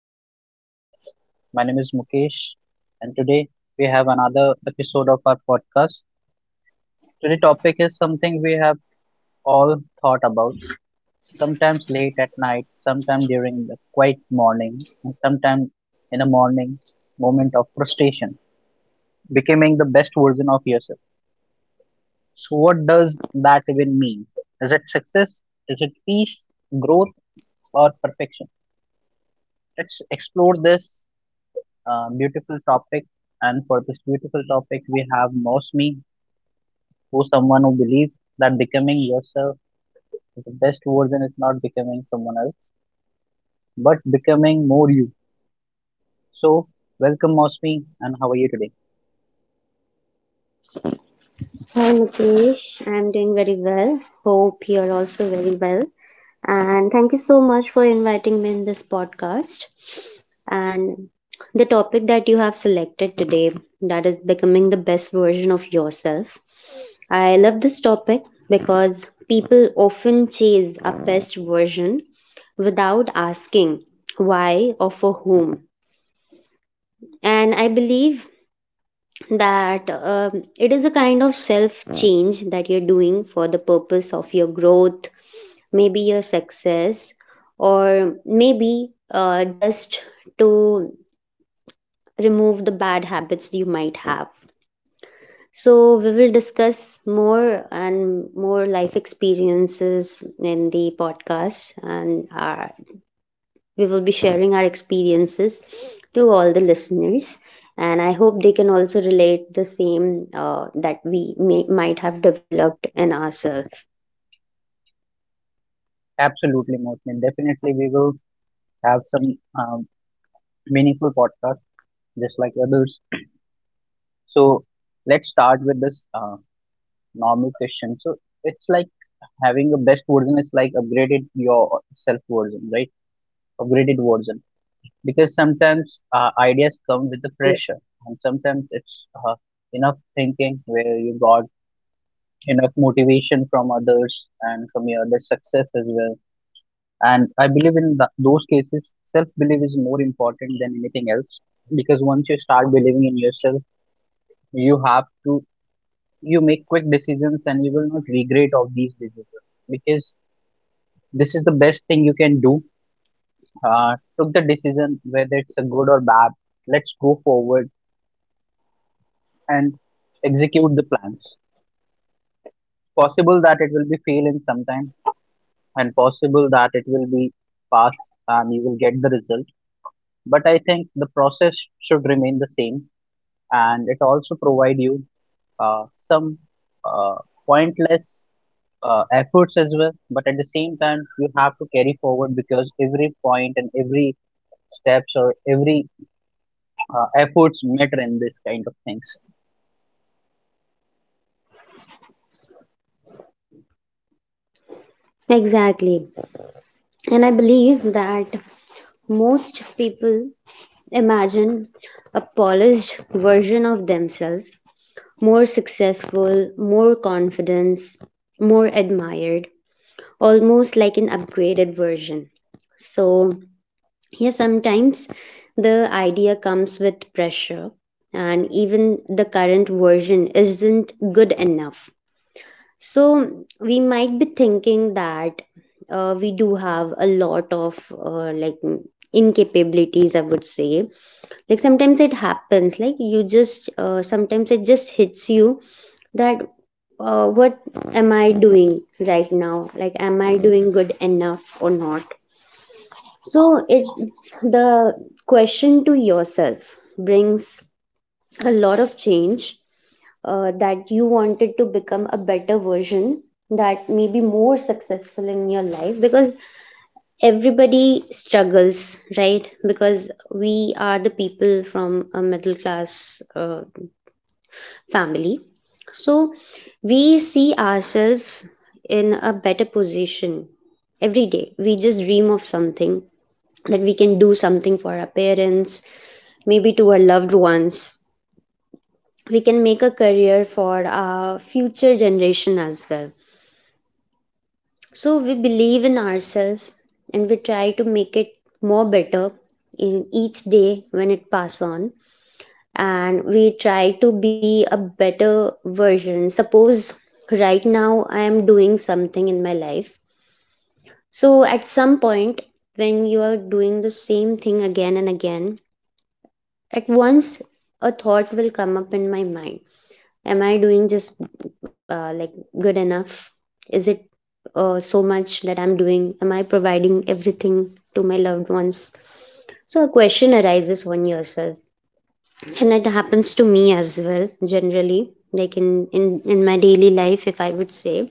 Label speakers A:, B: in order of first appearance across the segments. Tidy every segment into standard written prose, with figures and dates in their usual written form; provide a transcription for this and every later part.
A: to the podcast. My name is Mukesh and today we have another episode of our podcast. Today topic is something we have all thought about, sometimes late at night, sometimes during the quiet morning, and sometimes in a morning moment of frustration, becoming the best version of yourself. So what does that even mean? Is it success? Is it peace, growth or perfection? Let's explore this beautiful topic. And for this beautiful topic, we have Mosmi, who's someone who believes that becoming yourself is the best version is not becoming someone else, but becoming more you. So, welcome, Mosmi, and how are you today?
B: Hi Mukesh, I'm doing very well. Hope you're also very well. And thank you so much for inviting me in this podcast. And the topic that you have selected today, that is becoming the best version of yourself. I love this topic because people often chase a best version without asking why or for whom. And I believe that it is a kind of self change that you're doing for the purpose of your growth, maybe your success, or maybe just to remove the bad habits you might have. So we will discuss more and more life experiences in the podcast, and we will be sharing our experiences to all the listeners, and I hope they can also relate the same that we might have developed in ourselves.
A: Absolutely, Mosmi. Definitely, we will have some meaningful podcast just like others. So, let's start with this normal question. So, it's like having a best version is like upgraded your self version, right? Upgraded version, because sometimes ideas come with the pressure and sometimes it's enough thinking where you got enough motivation from others and from your other success as well. And I believe in those cases self belief is more important than anything else, because once you start believing in yourself, you have to you make quick decisions and you will not regret of these decisions, because this is the best thing you can do. uh, Took the decision whether it's a good or bad, let's go forward and execute the plans. Possible that it will be fail in some time, and possible that it will be pass and you will get the result. But I think the process should remain the same, and it also provide you some uh, pointless efforts as well. But at the same time, you have to carry forward because every point and every steps or every efforts matter in this kind of things.
B: Exactly. And I believe that most people imagine a polished version of themselves, more successful, more confidence, more admired, almost like an upgraded version. So yeah, sometimes the idea comes with pressure, and even the current version isn't good enough. So we might be thinking that we do have a lot of like incapabilities, I would say. Like sometimes it happens, like you just sometimes it just hits you that what am I doing right now? Like am I doing good enough or not? So it the question to yourself brings a lot of change, that you wanted to become a better version, that may be more successful in your life. Because everybody struggles, right? Because we are the people from a middle class family, so we see ourselves in a better position. Every day we just dream of something, that we can do something for our parents, maybe to our loved ones. We can make a career for our future generation as well. So we believe in ourselves and we try to make it more better in each day when it pass on, and we try to be a better version. Suppose right now I am doing something in my life, so at some point when you are doing the same thing again and again, at once a thought will come up in my mind: am I doing just like good enough? Is it so much that I'm doing? Am I providing everything to my loved ones? So a question arises on yourself, and it happens to me as well generally, like in in my daily life, if I would say,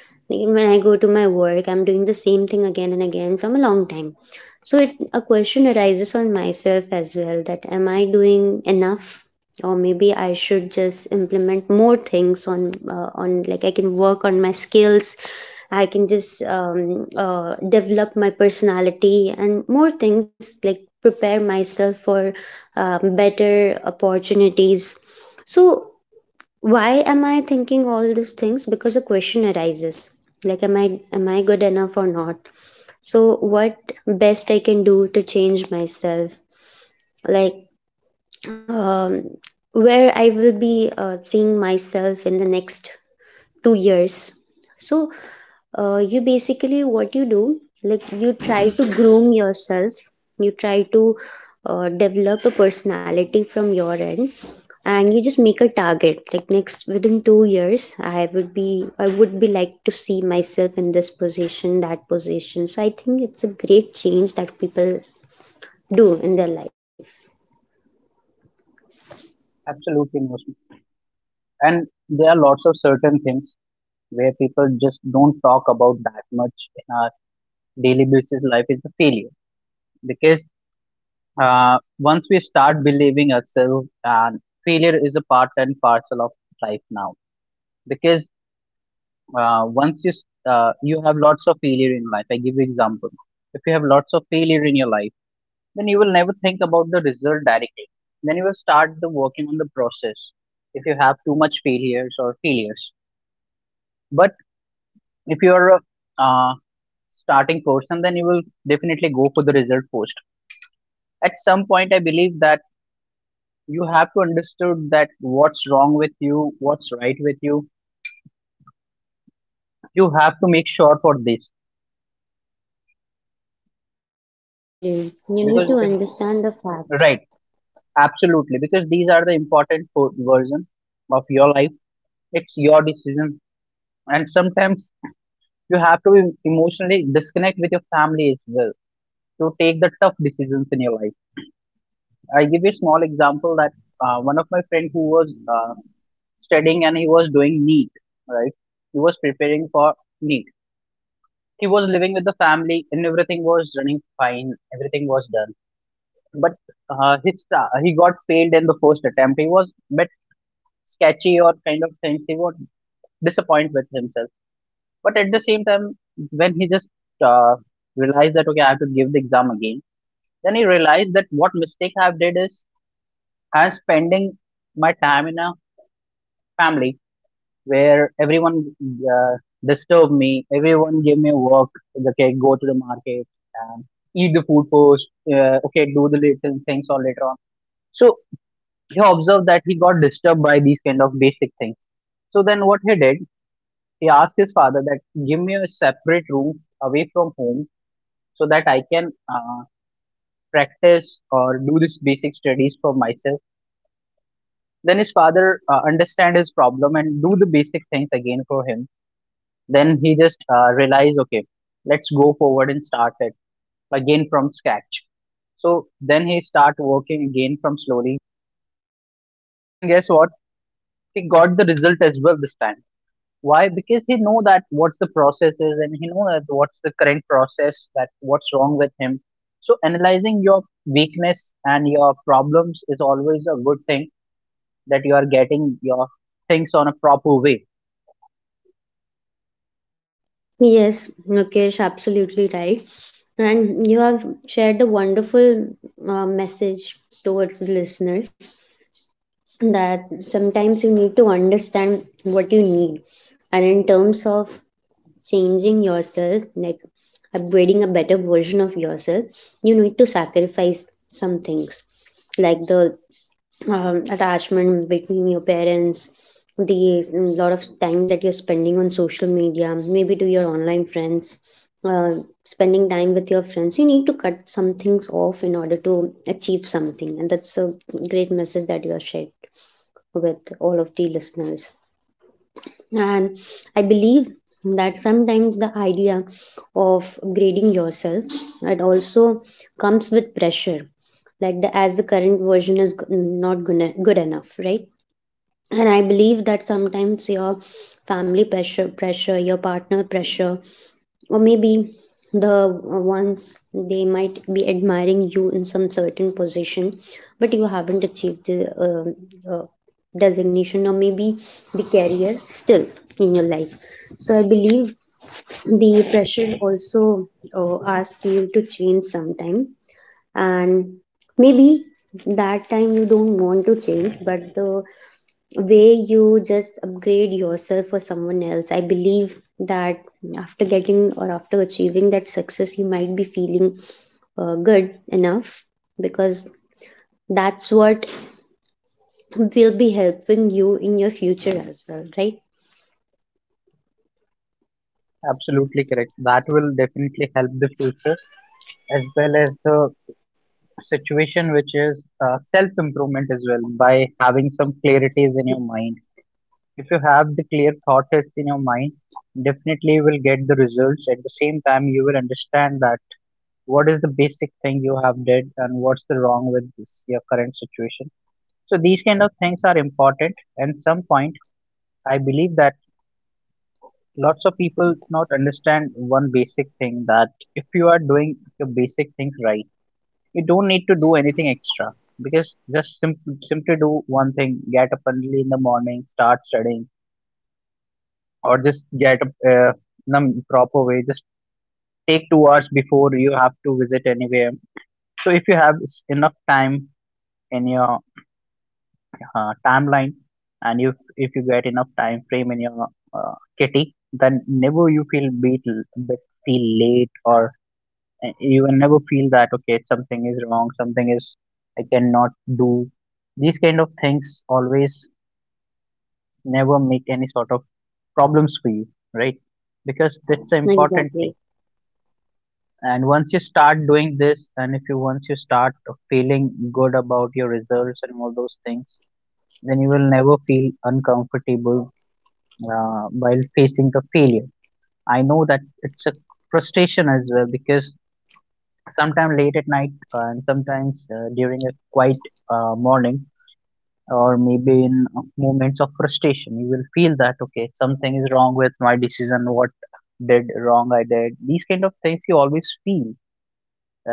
B: like when I go to my work, I'm doing the same thing again and again from a long time. So it a question arises on myself as well, that am I doing enough, or maybe I should just implement more things on on, like I can work on my skills, I can just develop my personality and more things, like prepare myself for better opportunities. So why am I thinking all these things? Because a question arises, like am I good enough or not? So what best I can do to change myself? Like um, where I will be seeing myself in the next 2 years. So you basically, what you do, like you try to groom yourself, you try to develop a personality from your end, and you just make a target, like next within 2 years I would be like to see myself in this position, that position. So I think it's a great change that people do in their life.
A: Absolutely, most, and there are lots of certain things where people just don't talk about that much in our daily basis life is a failure, because uh, once we start believing ourselves and failure is a part and parcel of life now. Because once you s- you have lots of failure in life, I give you example: if you have lots of failure in your life, then you will never think about the result directly, then you will start the working on the process if you have too much failures or failures. But if you are a uh, starting person, then you will definitely go for the result post. At some point I believe that you have to understood that what's wrong with you, what's right with you. You have to make sure for this,
B: Yeah, exactly. You need to
A: because if,
B: understand the fact.
A: right, absolutely, because these are the important version of your life. It's your decision, and sometimes you have to emotionally disconnect with your family as well to take the tough decisions in your life. I give you a small example that one of my friend who was studying and he was doing NEET, right? He was preparing for NEET. He was living with the family and everything was running fine. Everything was done. But he got failed in the first attempt. He was a bit sketchy or kind of things. He was disappointed with himself. But at the same time, when he just uh, realized that, okay, I have to give the exam again, then he realized that what mistake I've did is I'm spending my time in a family where everyone uh, disturbed me. Everyone gave me work. Okay, go to the market and eat the food first. Okay, do the little things all later on. So he observed that he got disturbed by these kind of basic things. So then what he did, he asked his father that give me a separate room away from home so that I can practice or do this basic studies for myself. Then his father understand his problem and do the basic things again for him. Then he just realized, okay, let's go forward and start it again from scratch. So then he start working again from slowly. And guess what? He got the result as well this time. Why? Because he know that what's the process is and he know that what's the current process, that what's wrong with him. So analyzing your weakness and your problems is always a good thing, that you are getting your things on a proper way.
B: Yes, Mukesh, absolutely right. And you have shared a wonderful message towards the listeners, that sometimes you need to understand what you need. And in terms of changing yourself, like upgrading a better version of yourself, you need to sacrifice some things, like the attachment between your parents, the lot of time that you're spending on social media, maybe to your online friends, uh, spending time with your friends. You need to cut some things off in order to achieve something, and that's a great message that you have shared with all of the listeners. And I believe that sometimes the idea of grading yourself, it also comes with pressure, like the as the current version is not gonna, good enough, right? And I believe that sometimes your family pressure, your partner pressure, or maybe the ones they might be admiring you in some certain position, but you haven't achieved the um uh, designation, or maybe the career still in your life. So I believe the pressure also asks you to change sometime. And maybe that time you don't want to change, but the way you just upgrade yourself for someone else. I believe that after getting or after achieving that success, you might be feeling good enough, because that's what will be helping you in your future as well, right?
A: Absolutely correct. That will definitely help the future as well as the situation which is self improvement as well by having some clarities in your mind. If you have the clear thoughts in your mind, definitely you will get the results. At the same time you will understand that what is the basic thing you have did and what's the wrong with this, your current situation. So these kind of things are important, and some point I believe that lots of people not understand one basic thing: that if you are doing the basic things right, you don't need to do anything extra. Because just simply do one thing, get up early in the morning, start studying, or just get up in a proper way, just take 2 hours before you have to visit anywhere. So if you have enough time in your timeline, and if you get enough time frame in your kitty, then never you feel beat, but feel late or, and you will never feel that okay something is wrong, something is, I cannot do these kind of things always, never make any sort of problems for you, right? Because that's the important thing.
B: Exactly.
A: And once you start doing this, and if you once you start feeling good about your results and all those things, then you will never feel uncomfortable while facing the failure. I know that it's a frustration as well, because sometime late at night and sometimes during a quiet morning or maybe in moments of frustration, you will feel that okay something is wrong with my decision, what did wrong I did, these kind of things you always feel,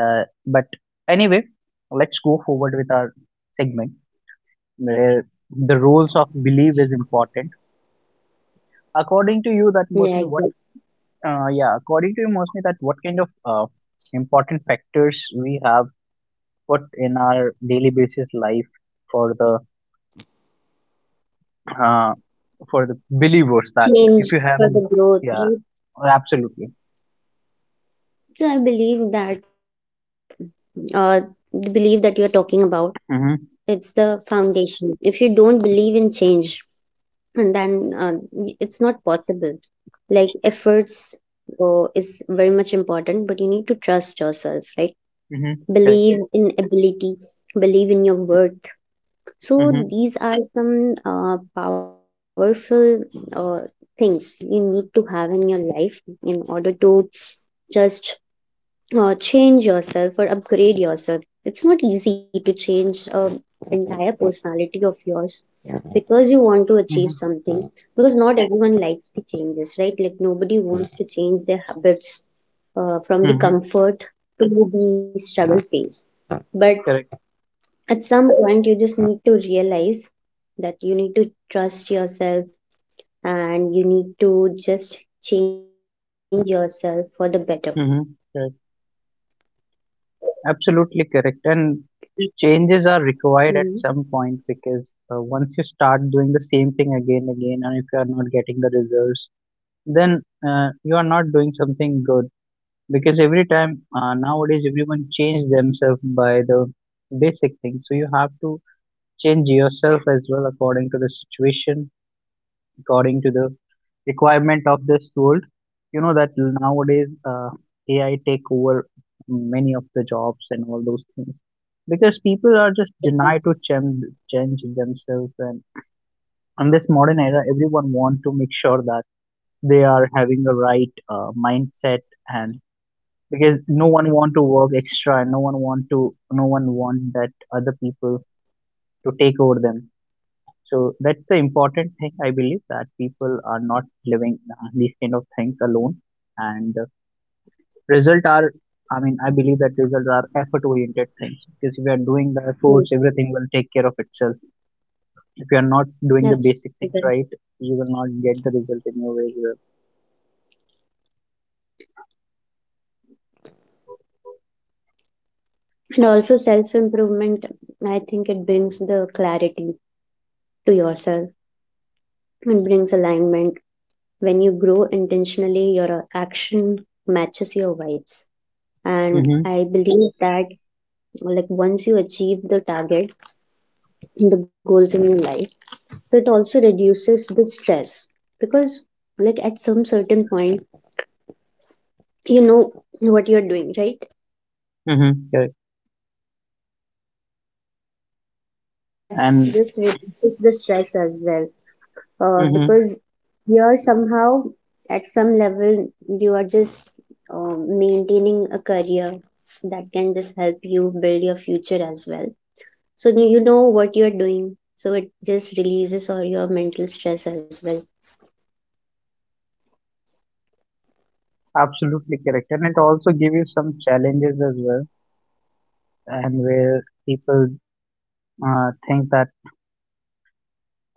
A: but anyway, let's go forward with our segment where the roles of belief is important. According to you, that
B: Yeah,
A: mostly
B: exactly.
A: what, yeah, according to you mostly, that what kind of important factors we have. But in our daily basis life, for the uh, for the believers that if
B: Change
A: you have,
B: for the growth,
A: yeah,
B: right?
A: absolutely.
B: So I believe that uh, the belief that you're talking about, it's
A: Mm-hmm.
B: the foundation. If you don't believe in change, and then it's not possible. Like efforts is very much important, but you need to trust yourself, right?
A: Mm-hmm. Correct.
B: Believe in ability, believe in your worth. So
A: Mm-hmm.
B: these are some powerful uh, things you need to have in your life, in order to just change yourself or upgrade yourself. It's not easy to change entire personality of yours, because you want to achieve
A: Mm-hmm.
B: something. Because not everyone likes the changes, right? Like nobody wants to change their habits from the
A: Mm-hmm.
B: comfort to the struggle phase. But
A: Correct.
B: at some point, you just need to realize that you need to trust yourself, and you need to just change yourself for the better.
A: Mm-hmm. Correct, absolutely correct. And changes are required
B: Mhm.
A: at some point, because once you start doing the same thing again and again and if you are not getting the results, then you are not doing something good. Because every time nowadays everyone change themselves by the basic things. So you have to change yourself as well according to the situation, according to the requirement of this world. You know that nowadays AI take over many of the jobs and all those things, because people are just denied to change, change themselves, and in this modern era everyone want to make sure that they are having the right mindset. And because no one want to work extra and no one want that other people to take over them. So that's the important thing, I believe that people are not living these kind of things alone. And result are I mean, I believe that results are effort oriented things, because if you are doing the efforts everything will take care of itself. If you are not doing the basic
B: Yeah.
A: things right, you will not get the result in your way.
B: And also, self improvement, I think it brings the clarity to yourself and brings alignment. When you grow intentionally, your action matches your vibes. And
A: Mm-hmm.
B: I believe that, like once you achieve the target, the goals in your life, so it also reduces the stress, because like at some certain point, you know what you're doing, right?
A: Mm-hmm. Correct.
B: So that
A: And
B: this reduces the stress as well, because here somehow at some level you are just maintaining a career that can just help you build your future as well. So you know what you're doing, so it just releases all your mental stress as well.
A: absolutely correct, and it also give you some challenges as well, and where people think that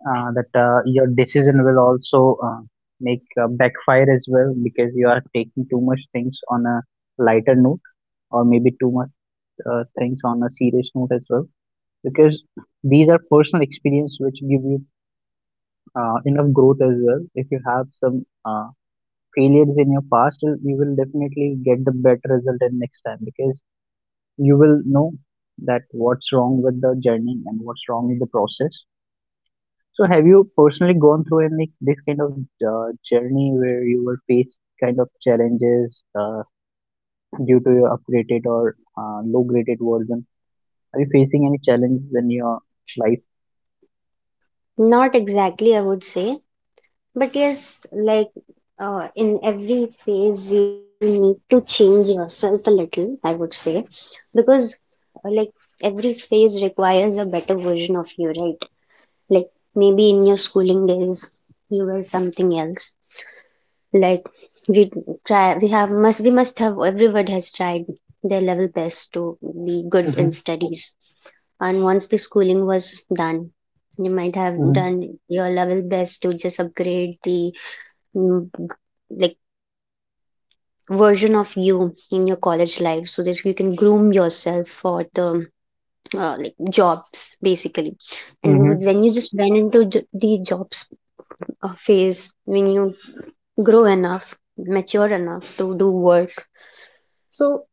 A: your decision will also make backfire as well, because you are taking too much things on a lighter note, or maybe too much things on a serious note as well. Because these are personal experience which give you enough growth as well. If you have some failures in your past, you will definitely get the better result in next time, because you will know that what's wrong with the journey and what's wrong in the process. So, have you personally gone through any this kind of journey where you were faced kind of challenges due to your upgraded or low graded version? Are you facing any challenges in your life?
B: Not exactly, I would say. But yes, like in every phase you need to change yourself a little, I would say, because like every phase requires a better version of you, right? Like maybe in your schooling days, you were something else. Like we try, we have must we must have, everyone has tried their level best to be good in
A: Mm-hmm.
B: studies. And once the schooling was done, you might have
A: Mm-hmm.
B: done your level best to just upgrade the mm, like version of you in your college life, so that you can groom yourself for the like jobs basically. And you would
A: Mm-hmm.
B: when you just went into the jobs, a phase when you grow enough, mature enough to do work. So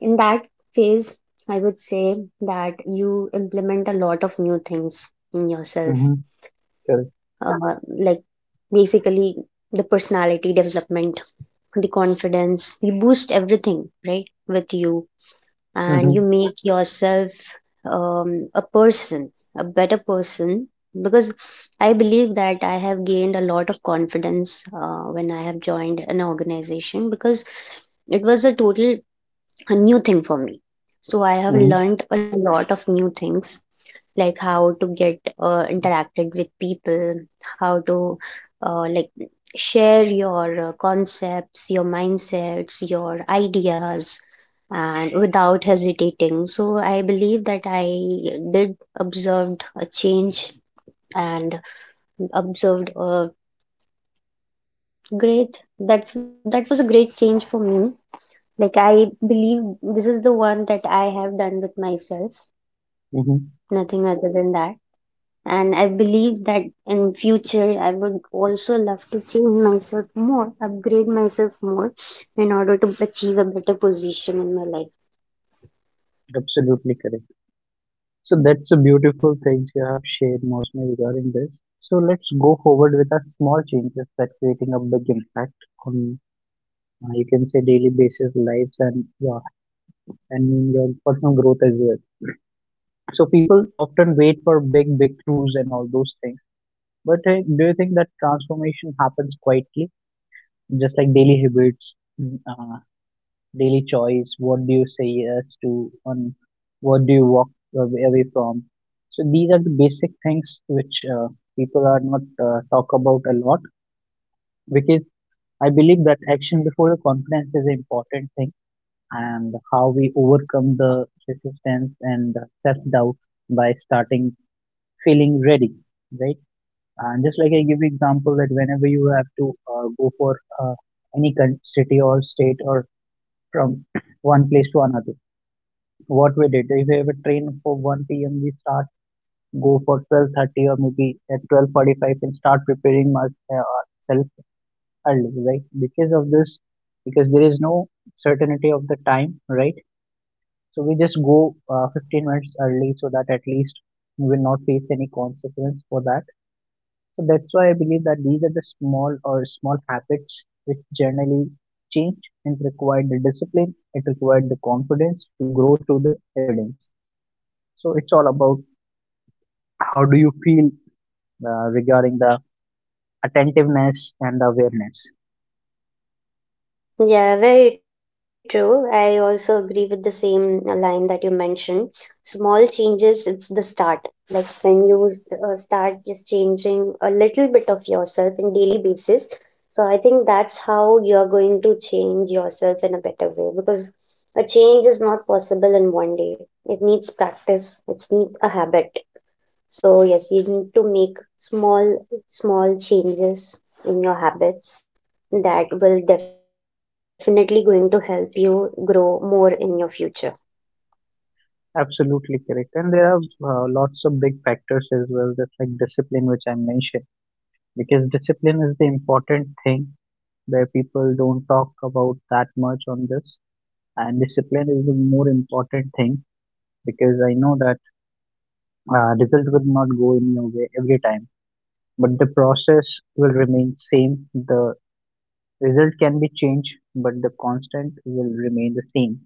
B: in that phase, I would say that you implement a lot of new things in yourself,
A: Mm-hmm. Correct.
B: like basically the personality development, the confidence, you boost everything, right? With you, and you
A: Mm-hmm.
B: make yourself a person, a better person. Because I believe that I have gained a lot of confidence when I have joined an organization, because it was a total a new thing for me. So I have
A: Mm-hmm.
B: learned a lot of new things, like how to get interacted with people, how to like share your concepts, your mindsets, your ideas, and without hesitating. So I believe that I did observed a change, and observed a great, that was a great change for me. Like I believe this is the one that I have done with myself,
A: Mm-hmm.
B: nothing other than that. And I believe that in future I would also love to change myself more, upgrade myself more, in order to achieve a better position in my life.
A: Absolutely correct. So that's a beautiful things you have shared mostly regarding this. So let's go forward with our small changes that creating a big impact on, you can say, daily basis lives and your and in your personal growth as well. So people often wait for big breakthroughs and all those things. But do you think that transformation happens quietly, just like daily habits, mm, uh, daily choice? What do you say yes to, on what do you walk away from? So these are the basic things which people are not talk about a lot, because I believe that action before the confidence is an important thing. And how we overcome the resistance and self doubt by starting feeling ready, right? And just like I give you example that whenever you have to go for uh, city or state or from one place to another, what we did, if we have a train for 1 p.m., we start go for 12:30 or maybe at 12:45 and start preparing myself early, right? Because of this, because there is no certainty of the time, right? So we just
B: So
A: go
B: yeah.
A: 15 minutes early so that at least we will not face any consequence for that. So that's why I believe that these are the small or small habits which generally change and require the discipline. It required the confidence to grow through the evidence. So it's all about, how do you feel regarding the attentiveness and awareness?
B: Yeah, very true. I also agree with the same line that you mentioned. Small changes, it's the start. Like when you start just changing a little bit of yourself in daily basis. So I think that's how you're going to change yourself in a better way, because a change is not possible in one day. It needs practice. It needs a habit. So yes, you need to make small changes in your habits that will definitely going to help you grow more in your future.
A: Absolutely correct, and there are lots of big factors as well, just like discipline, which I mentioned, because discipline is the important thing where people don't talk about that much on this. And discipline is the more important thing, because I know that result will not go in your way every time, but the process will remain same. The result can be changed, but the constant will remain the same.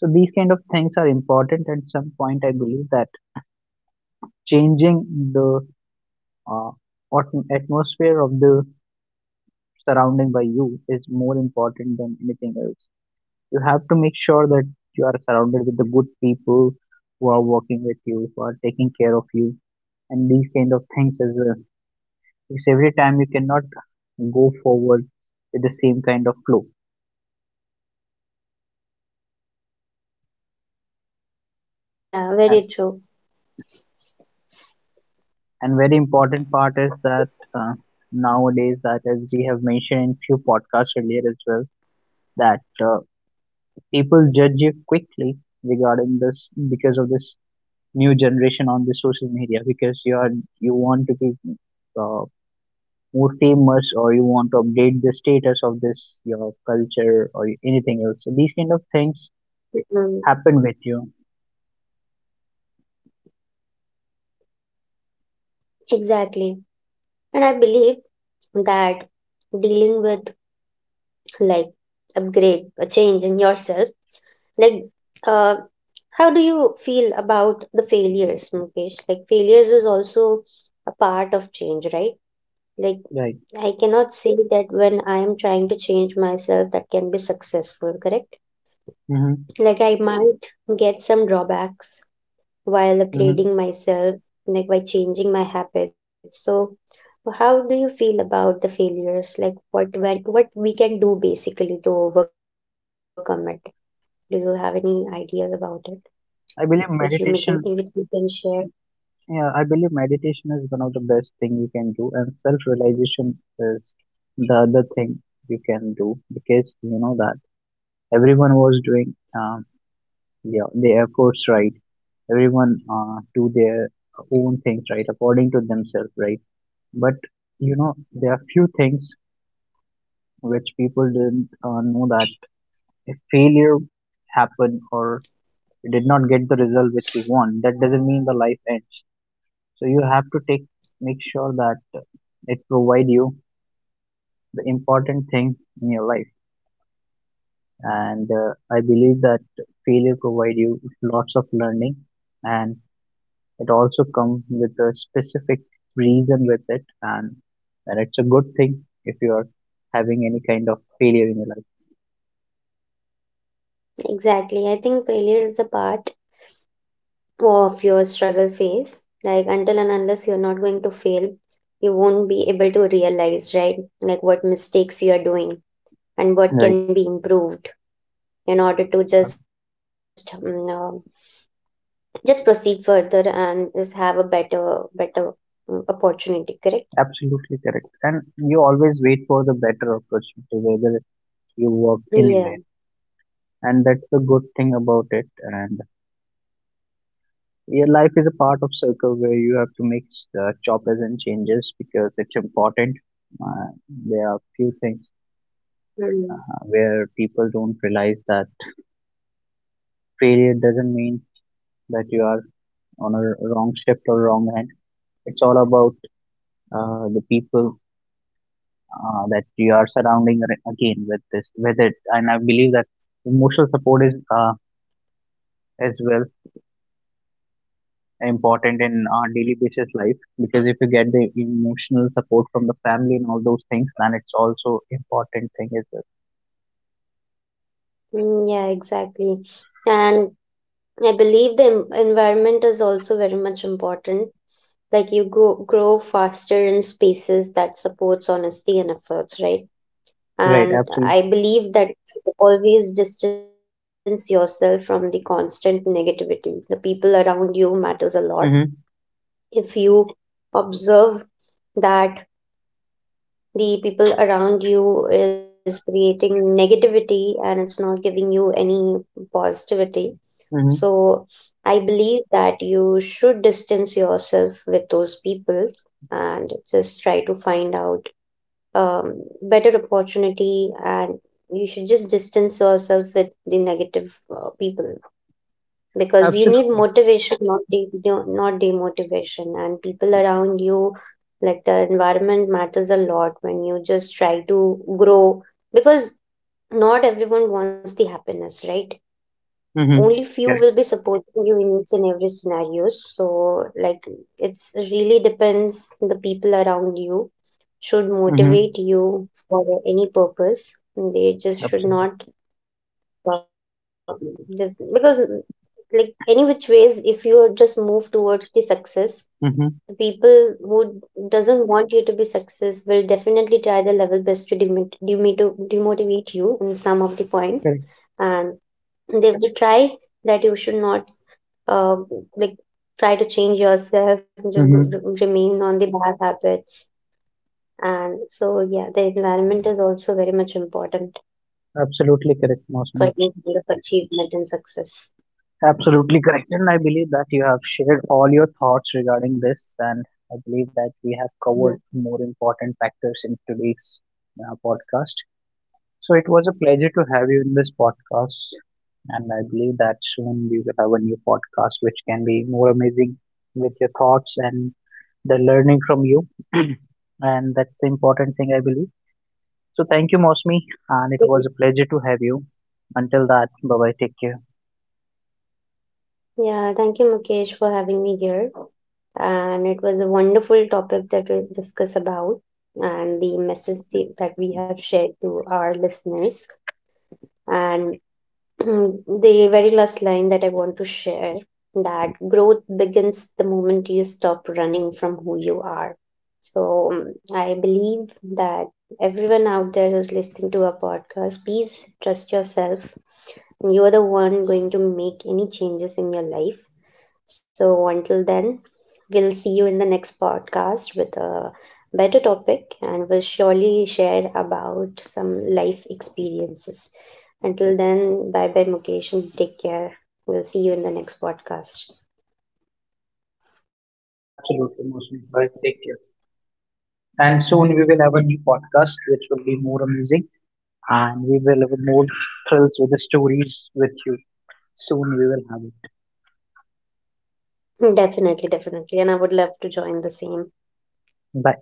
A: So these kind of things are important. At some point, I believe that changing the uh, atmosphere of the surrounding by you is more important than anything else. You have to make sure that you are surrounded with the good people who are working with you, who are taking care of you, and these kind of things as well. Because every time you cannot go forward with the same kind of flow.
B: Yeah, very true.
A: And very important part is that uh, nowadays, that as we have mentioned in few podcasts earlier as well, that people judge you quickly regarding this, because of this new generation on the social media, because you are you want to be uh, more famous, or you want to update the status of this your culture or anything else. So these kind of things
B: Mm,
A: happen with you,
B: exactly. And I believe that dealing with, like upgrade, a change in yourself, like uh how do you feel about the failures, Mukesh? Like failures is also a part of change, right? Like
A: right?
B: I cannot say that when I am trying to change myself, that can be successful, correct?
A: Mm-hmm.
B: Like I might get some drawbacks while
A: Mm-hmm.
B: upgrading myself, like by changing my habits. So how do you feel about the failures? Like what when, what we can do basically to overcome it? Do you have any ideas about it, which you
A: I believe
B: making, which you
A: meditation
B: can share?
A: Yeah, I believe meditation is one of the best thing you can do, and self-realization is the other thing you can do, because you know that everyone was doing yeah, their efforts, right. Everyone do their own things right according to themselves, right? But you know there are few things which people didn't know, that if failure happened or you did not get the result which you want, that doesn't mean the life ends. So you have to take make sure that it provide you the important thing in your life. And I believe that failure provide you with lots of learning, and it also comes with a specific reason with it. And and it's a good thing if you are having any kind of failure in your life,
B: Exactly, I think failure is a part of your struggle phase, like until and unless you're not going to fail, you won't be able to realize, right? Like what mistakes you are doing, and what
A: right.
B: can be improved, in order to
A: Uh,
B: just just proceed further and just have a better opportunity, correct?
A: absolutely correct, and you always wait for the better opportunity whether you work
B: Yeah.
A: anywhere. And that's the good thing about it. And your life is a part of circle where you have to make choppers and changes, because it's important. Uh, there are few things
B: Mm.
A: where people don't realize that failure doesn't mean that you are on a wrong shift or wrong end. It's all about the people that you are again with this. Whether, and I believe that emotional support is as well important in our daily basis life, because if you get the emotional support from the family and all those things, then it's also important thing as well,
B: Mm, yeah, exactly. And I believe the environment is also very much important, like you go grow faster in spaces that supports honesty and efforts, right?
A: right.
B: And I
A: Absolutely.
B: believe that you should always distance yourself from the constant negativity, the people around you matters a lot.
A: Mm-hmm.
B: If you observe that the people around you is creating negativity, and it's not giving you any positivity,
A: Mm-hmm.
B: so I believe that you should distance yourself with those people, and just try to find out um, better opportunity. And you should just distance yourself with the negative people, because you need
A: Absolutely.
B: motivation, not not demotivation. And people around you, like the environment matters a lot when you just try to grow, because not everyone wants the happiness, right?
A: Mm-hmm.
B: Only few
A: Correct.
B: will be supporting you in each and every scenarios. So like it's really depends the people around you should
A: Mm-hmm.
B: motivate you for any purpose, they just should
A: Absolutely.
B: not um, just because, like any which ways, if you are just move towards the success,
A: Mm-hmm.
B: the people who doesn't want you to be success will definitely try their level best to demotivate you in some of the point.
A: Correct.
B: And they will try that you should not uh, like try to change yourself, and just
A: Mm-hmm.
B: remain on the bad habits. And so yeah, the environment is also very much important
A: Absolutely correct, Mosmi.
B: for any kind of achievement and success.
A: Absolutely correct, and I believe that you have shared all your thoughts regarding this. And I believe that we have covered
B: Yeah.
A: more important factors in today's podcast. So it was a pleasure to have you in this podcast. And I believe that soon we will have a new podcast which can be more amazing, with your thoughts and the learning from you. And that's the important thing, I believe. So thank you, Mosmi. And it was
B: Okay.
A: a pleasure to have you. Until that, bye bye. Take care.
B: Yeah, thank you, Mukesh, for having me here, and it was a wonderful topic that we discuss about, and the message that we have shared to our listeners. And Mm, the very last line that I want to share, that growth begins the moment you stop running from who you are. So I believe that everyone out there who's listening to our podcast, please trust yourself. You are the one going to make any changes in your life. So, until then, we'll see you in the next podcast with a better topic, and we'll surely share about some life experiences. Until then, bye bye, Mukesh, and take care. We'll see you in the next podcast.
A: Absolutely, Mosmi. Bye. Take care. And soon we will have a new podcast which will be more amazing. And we will have more thrills with the stories with you. Soon we will have it.
B: Definitely, definitely. And I would love to join the same.
A: Bye.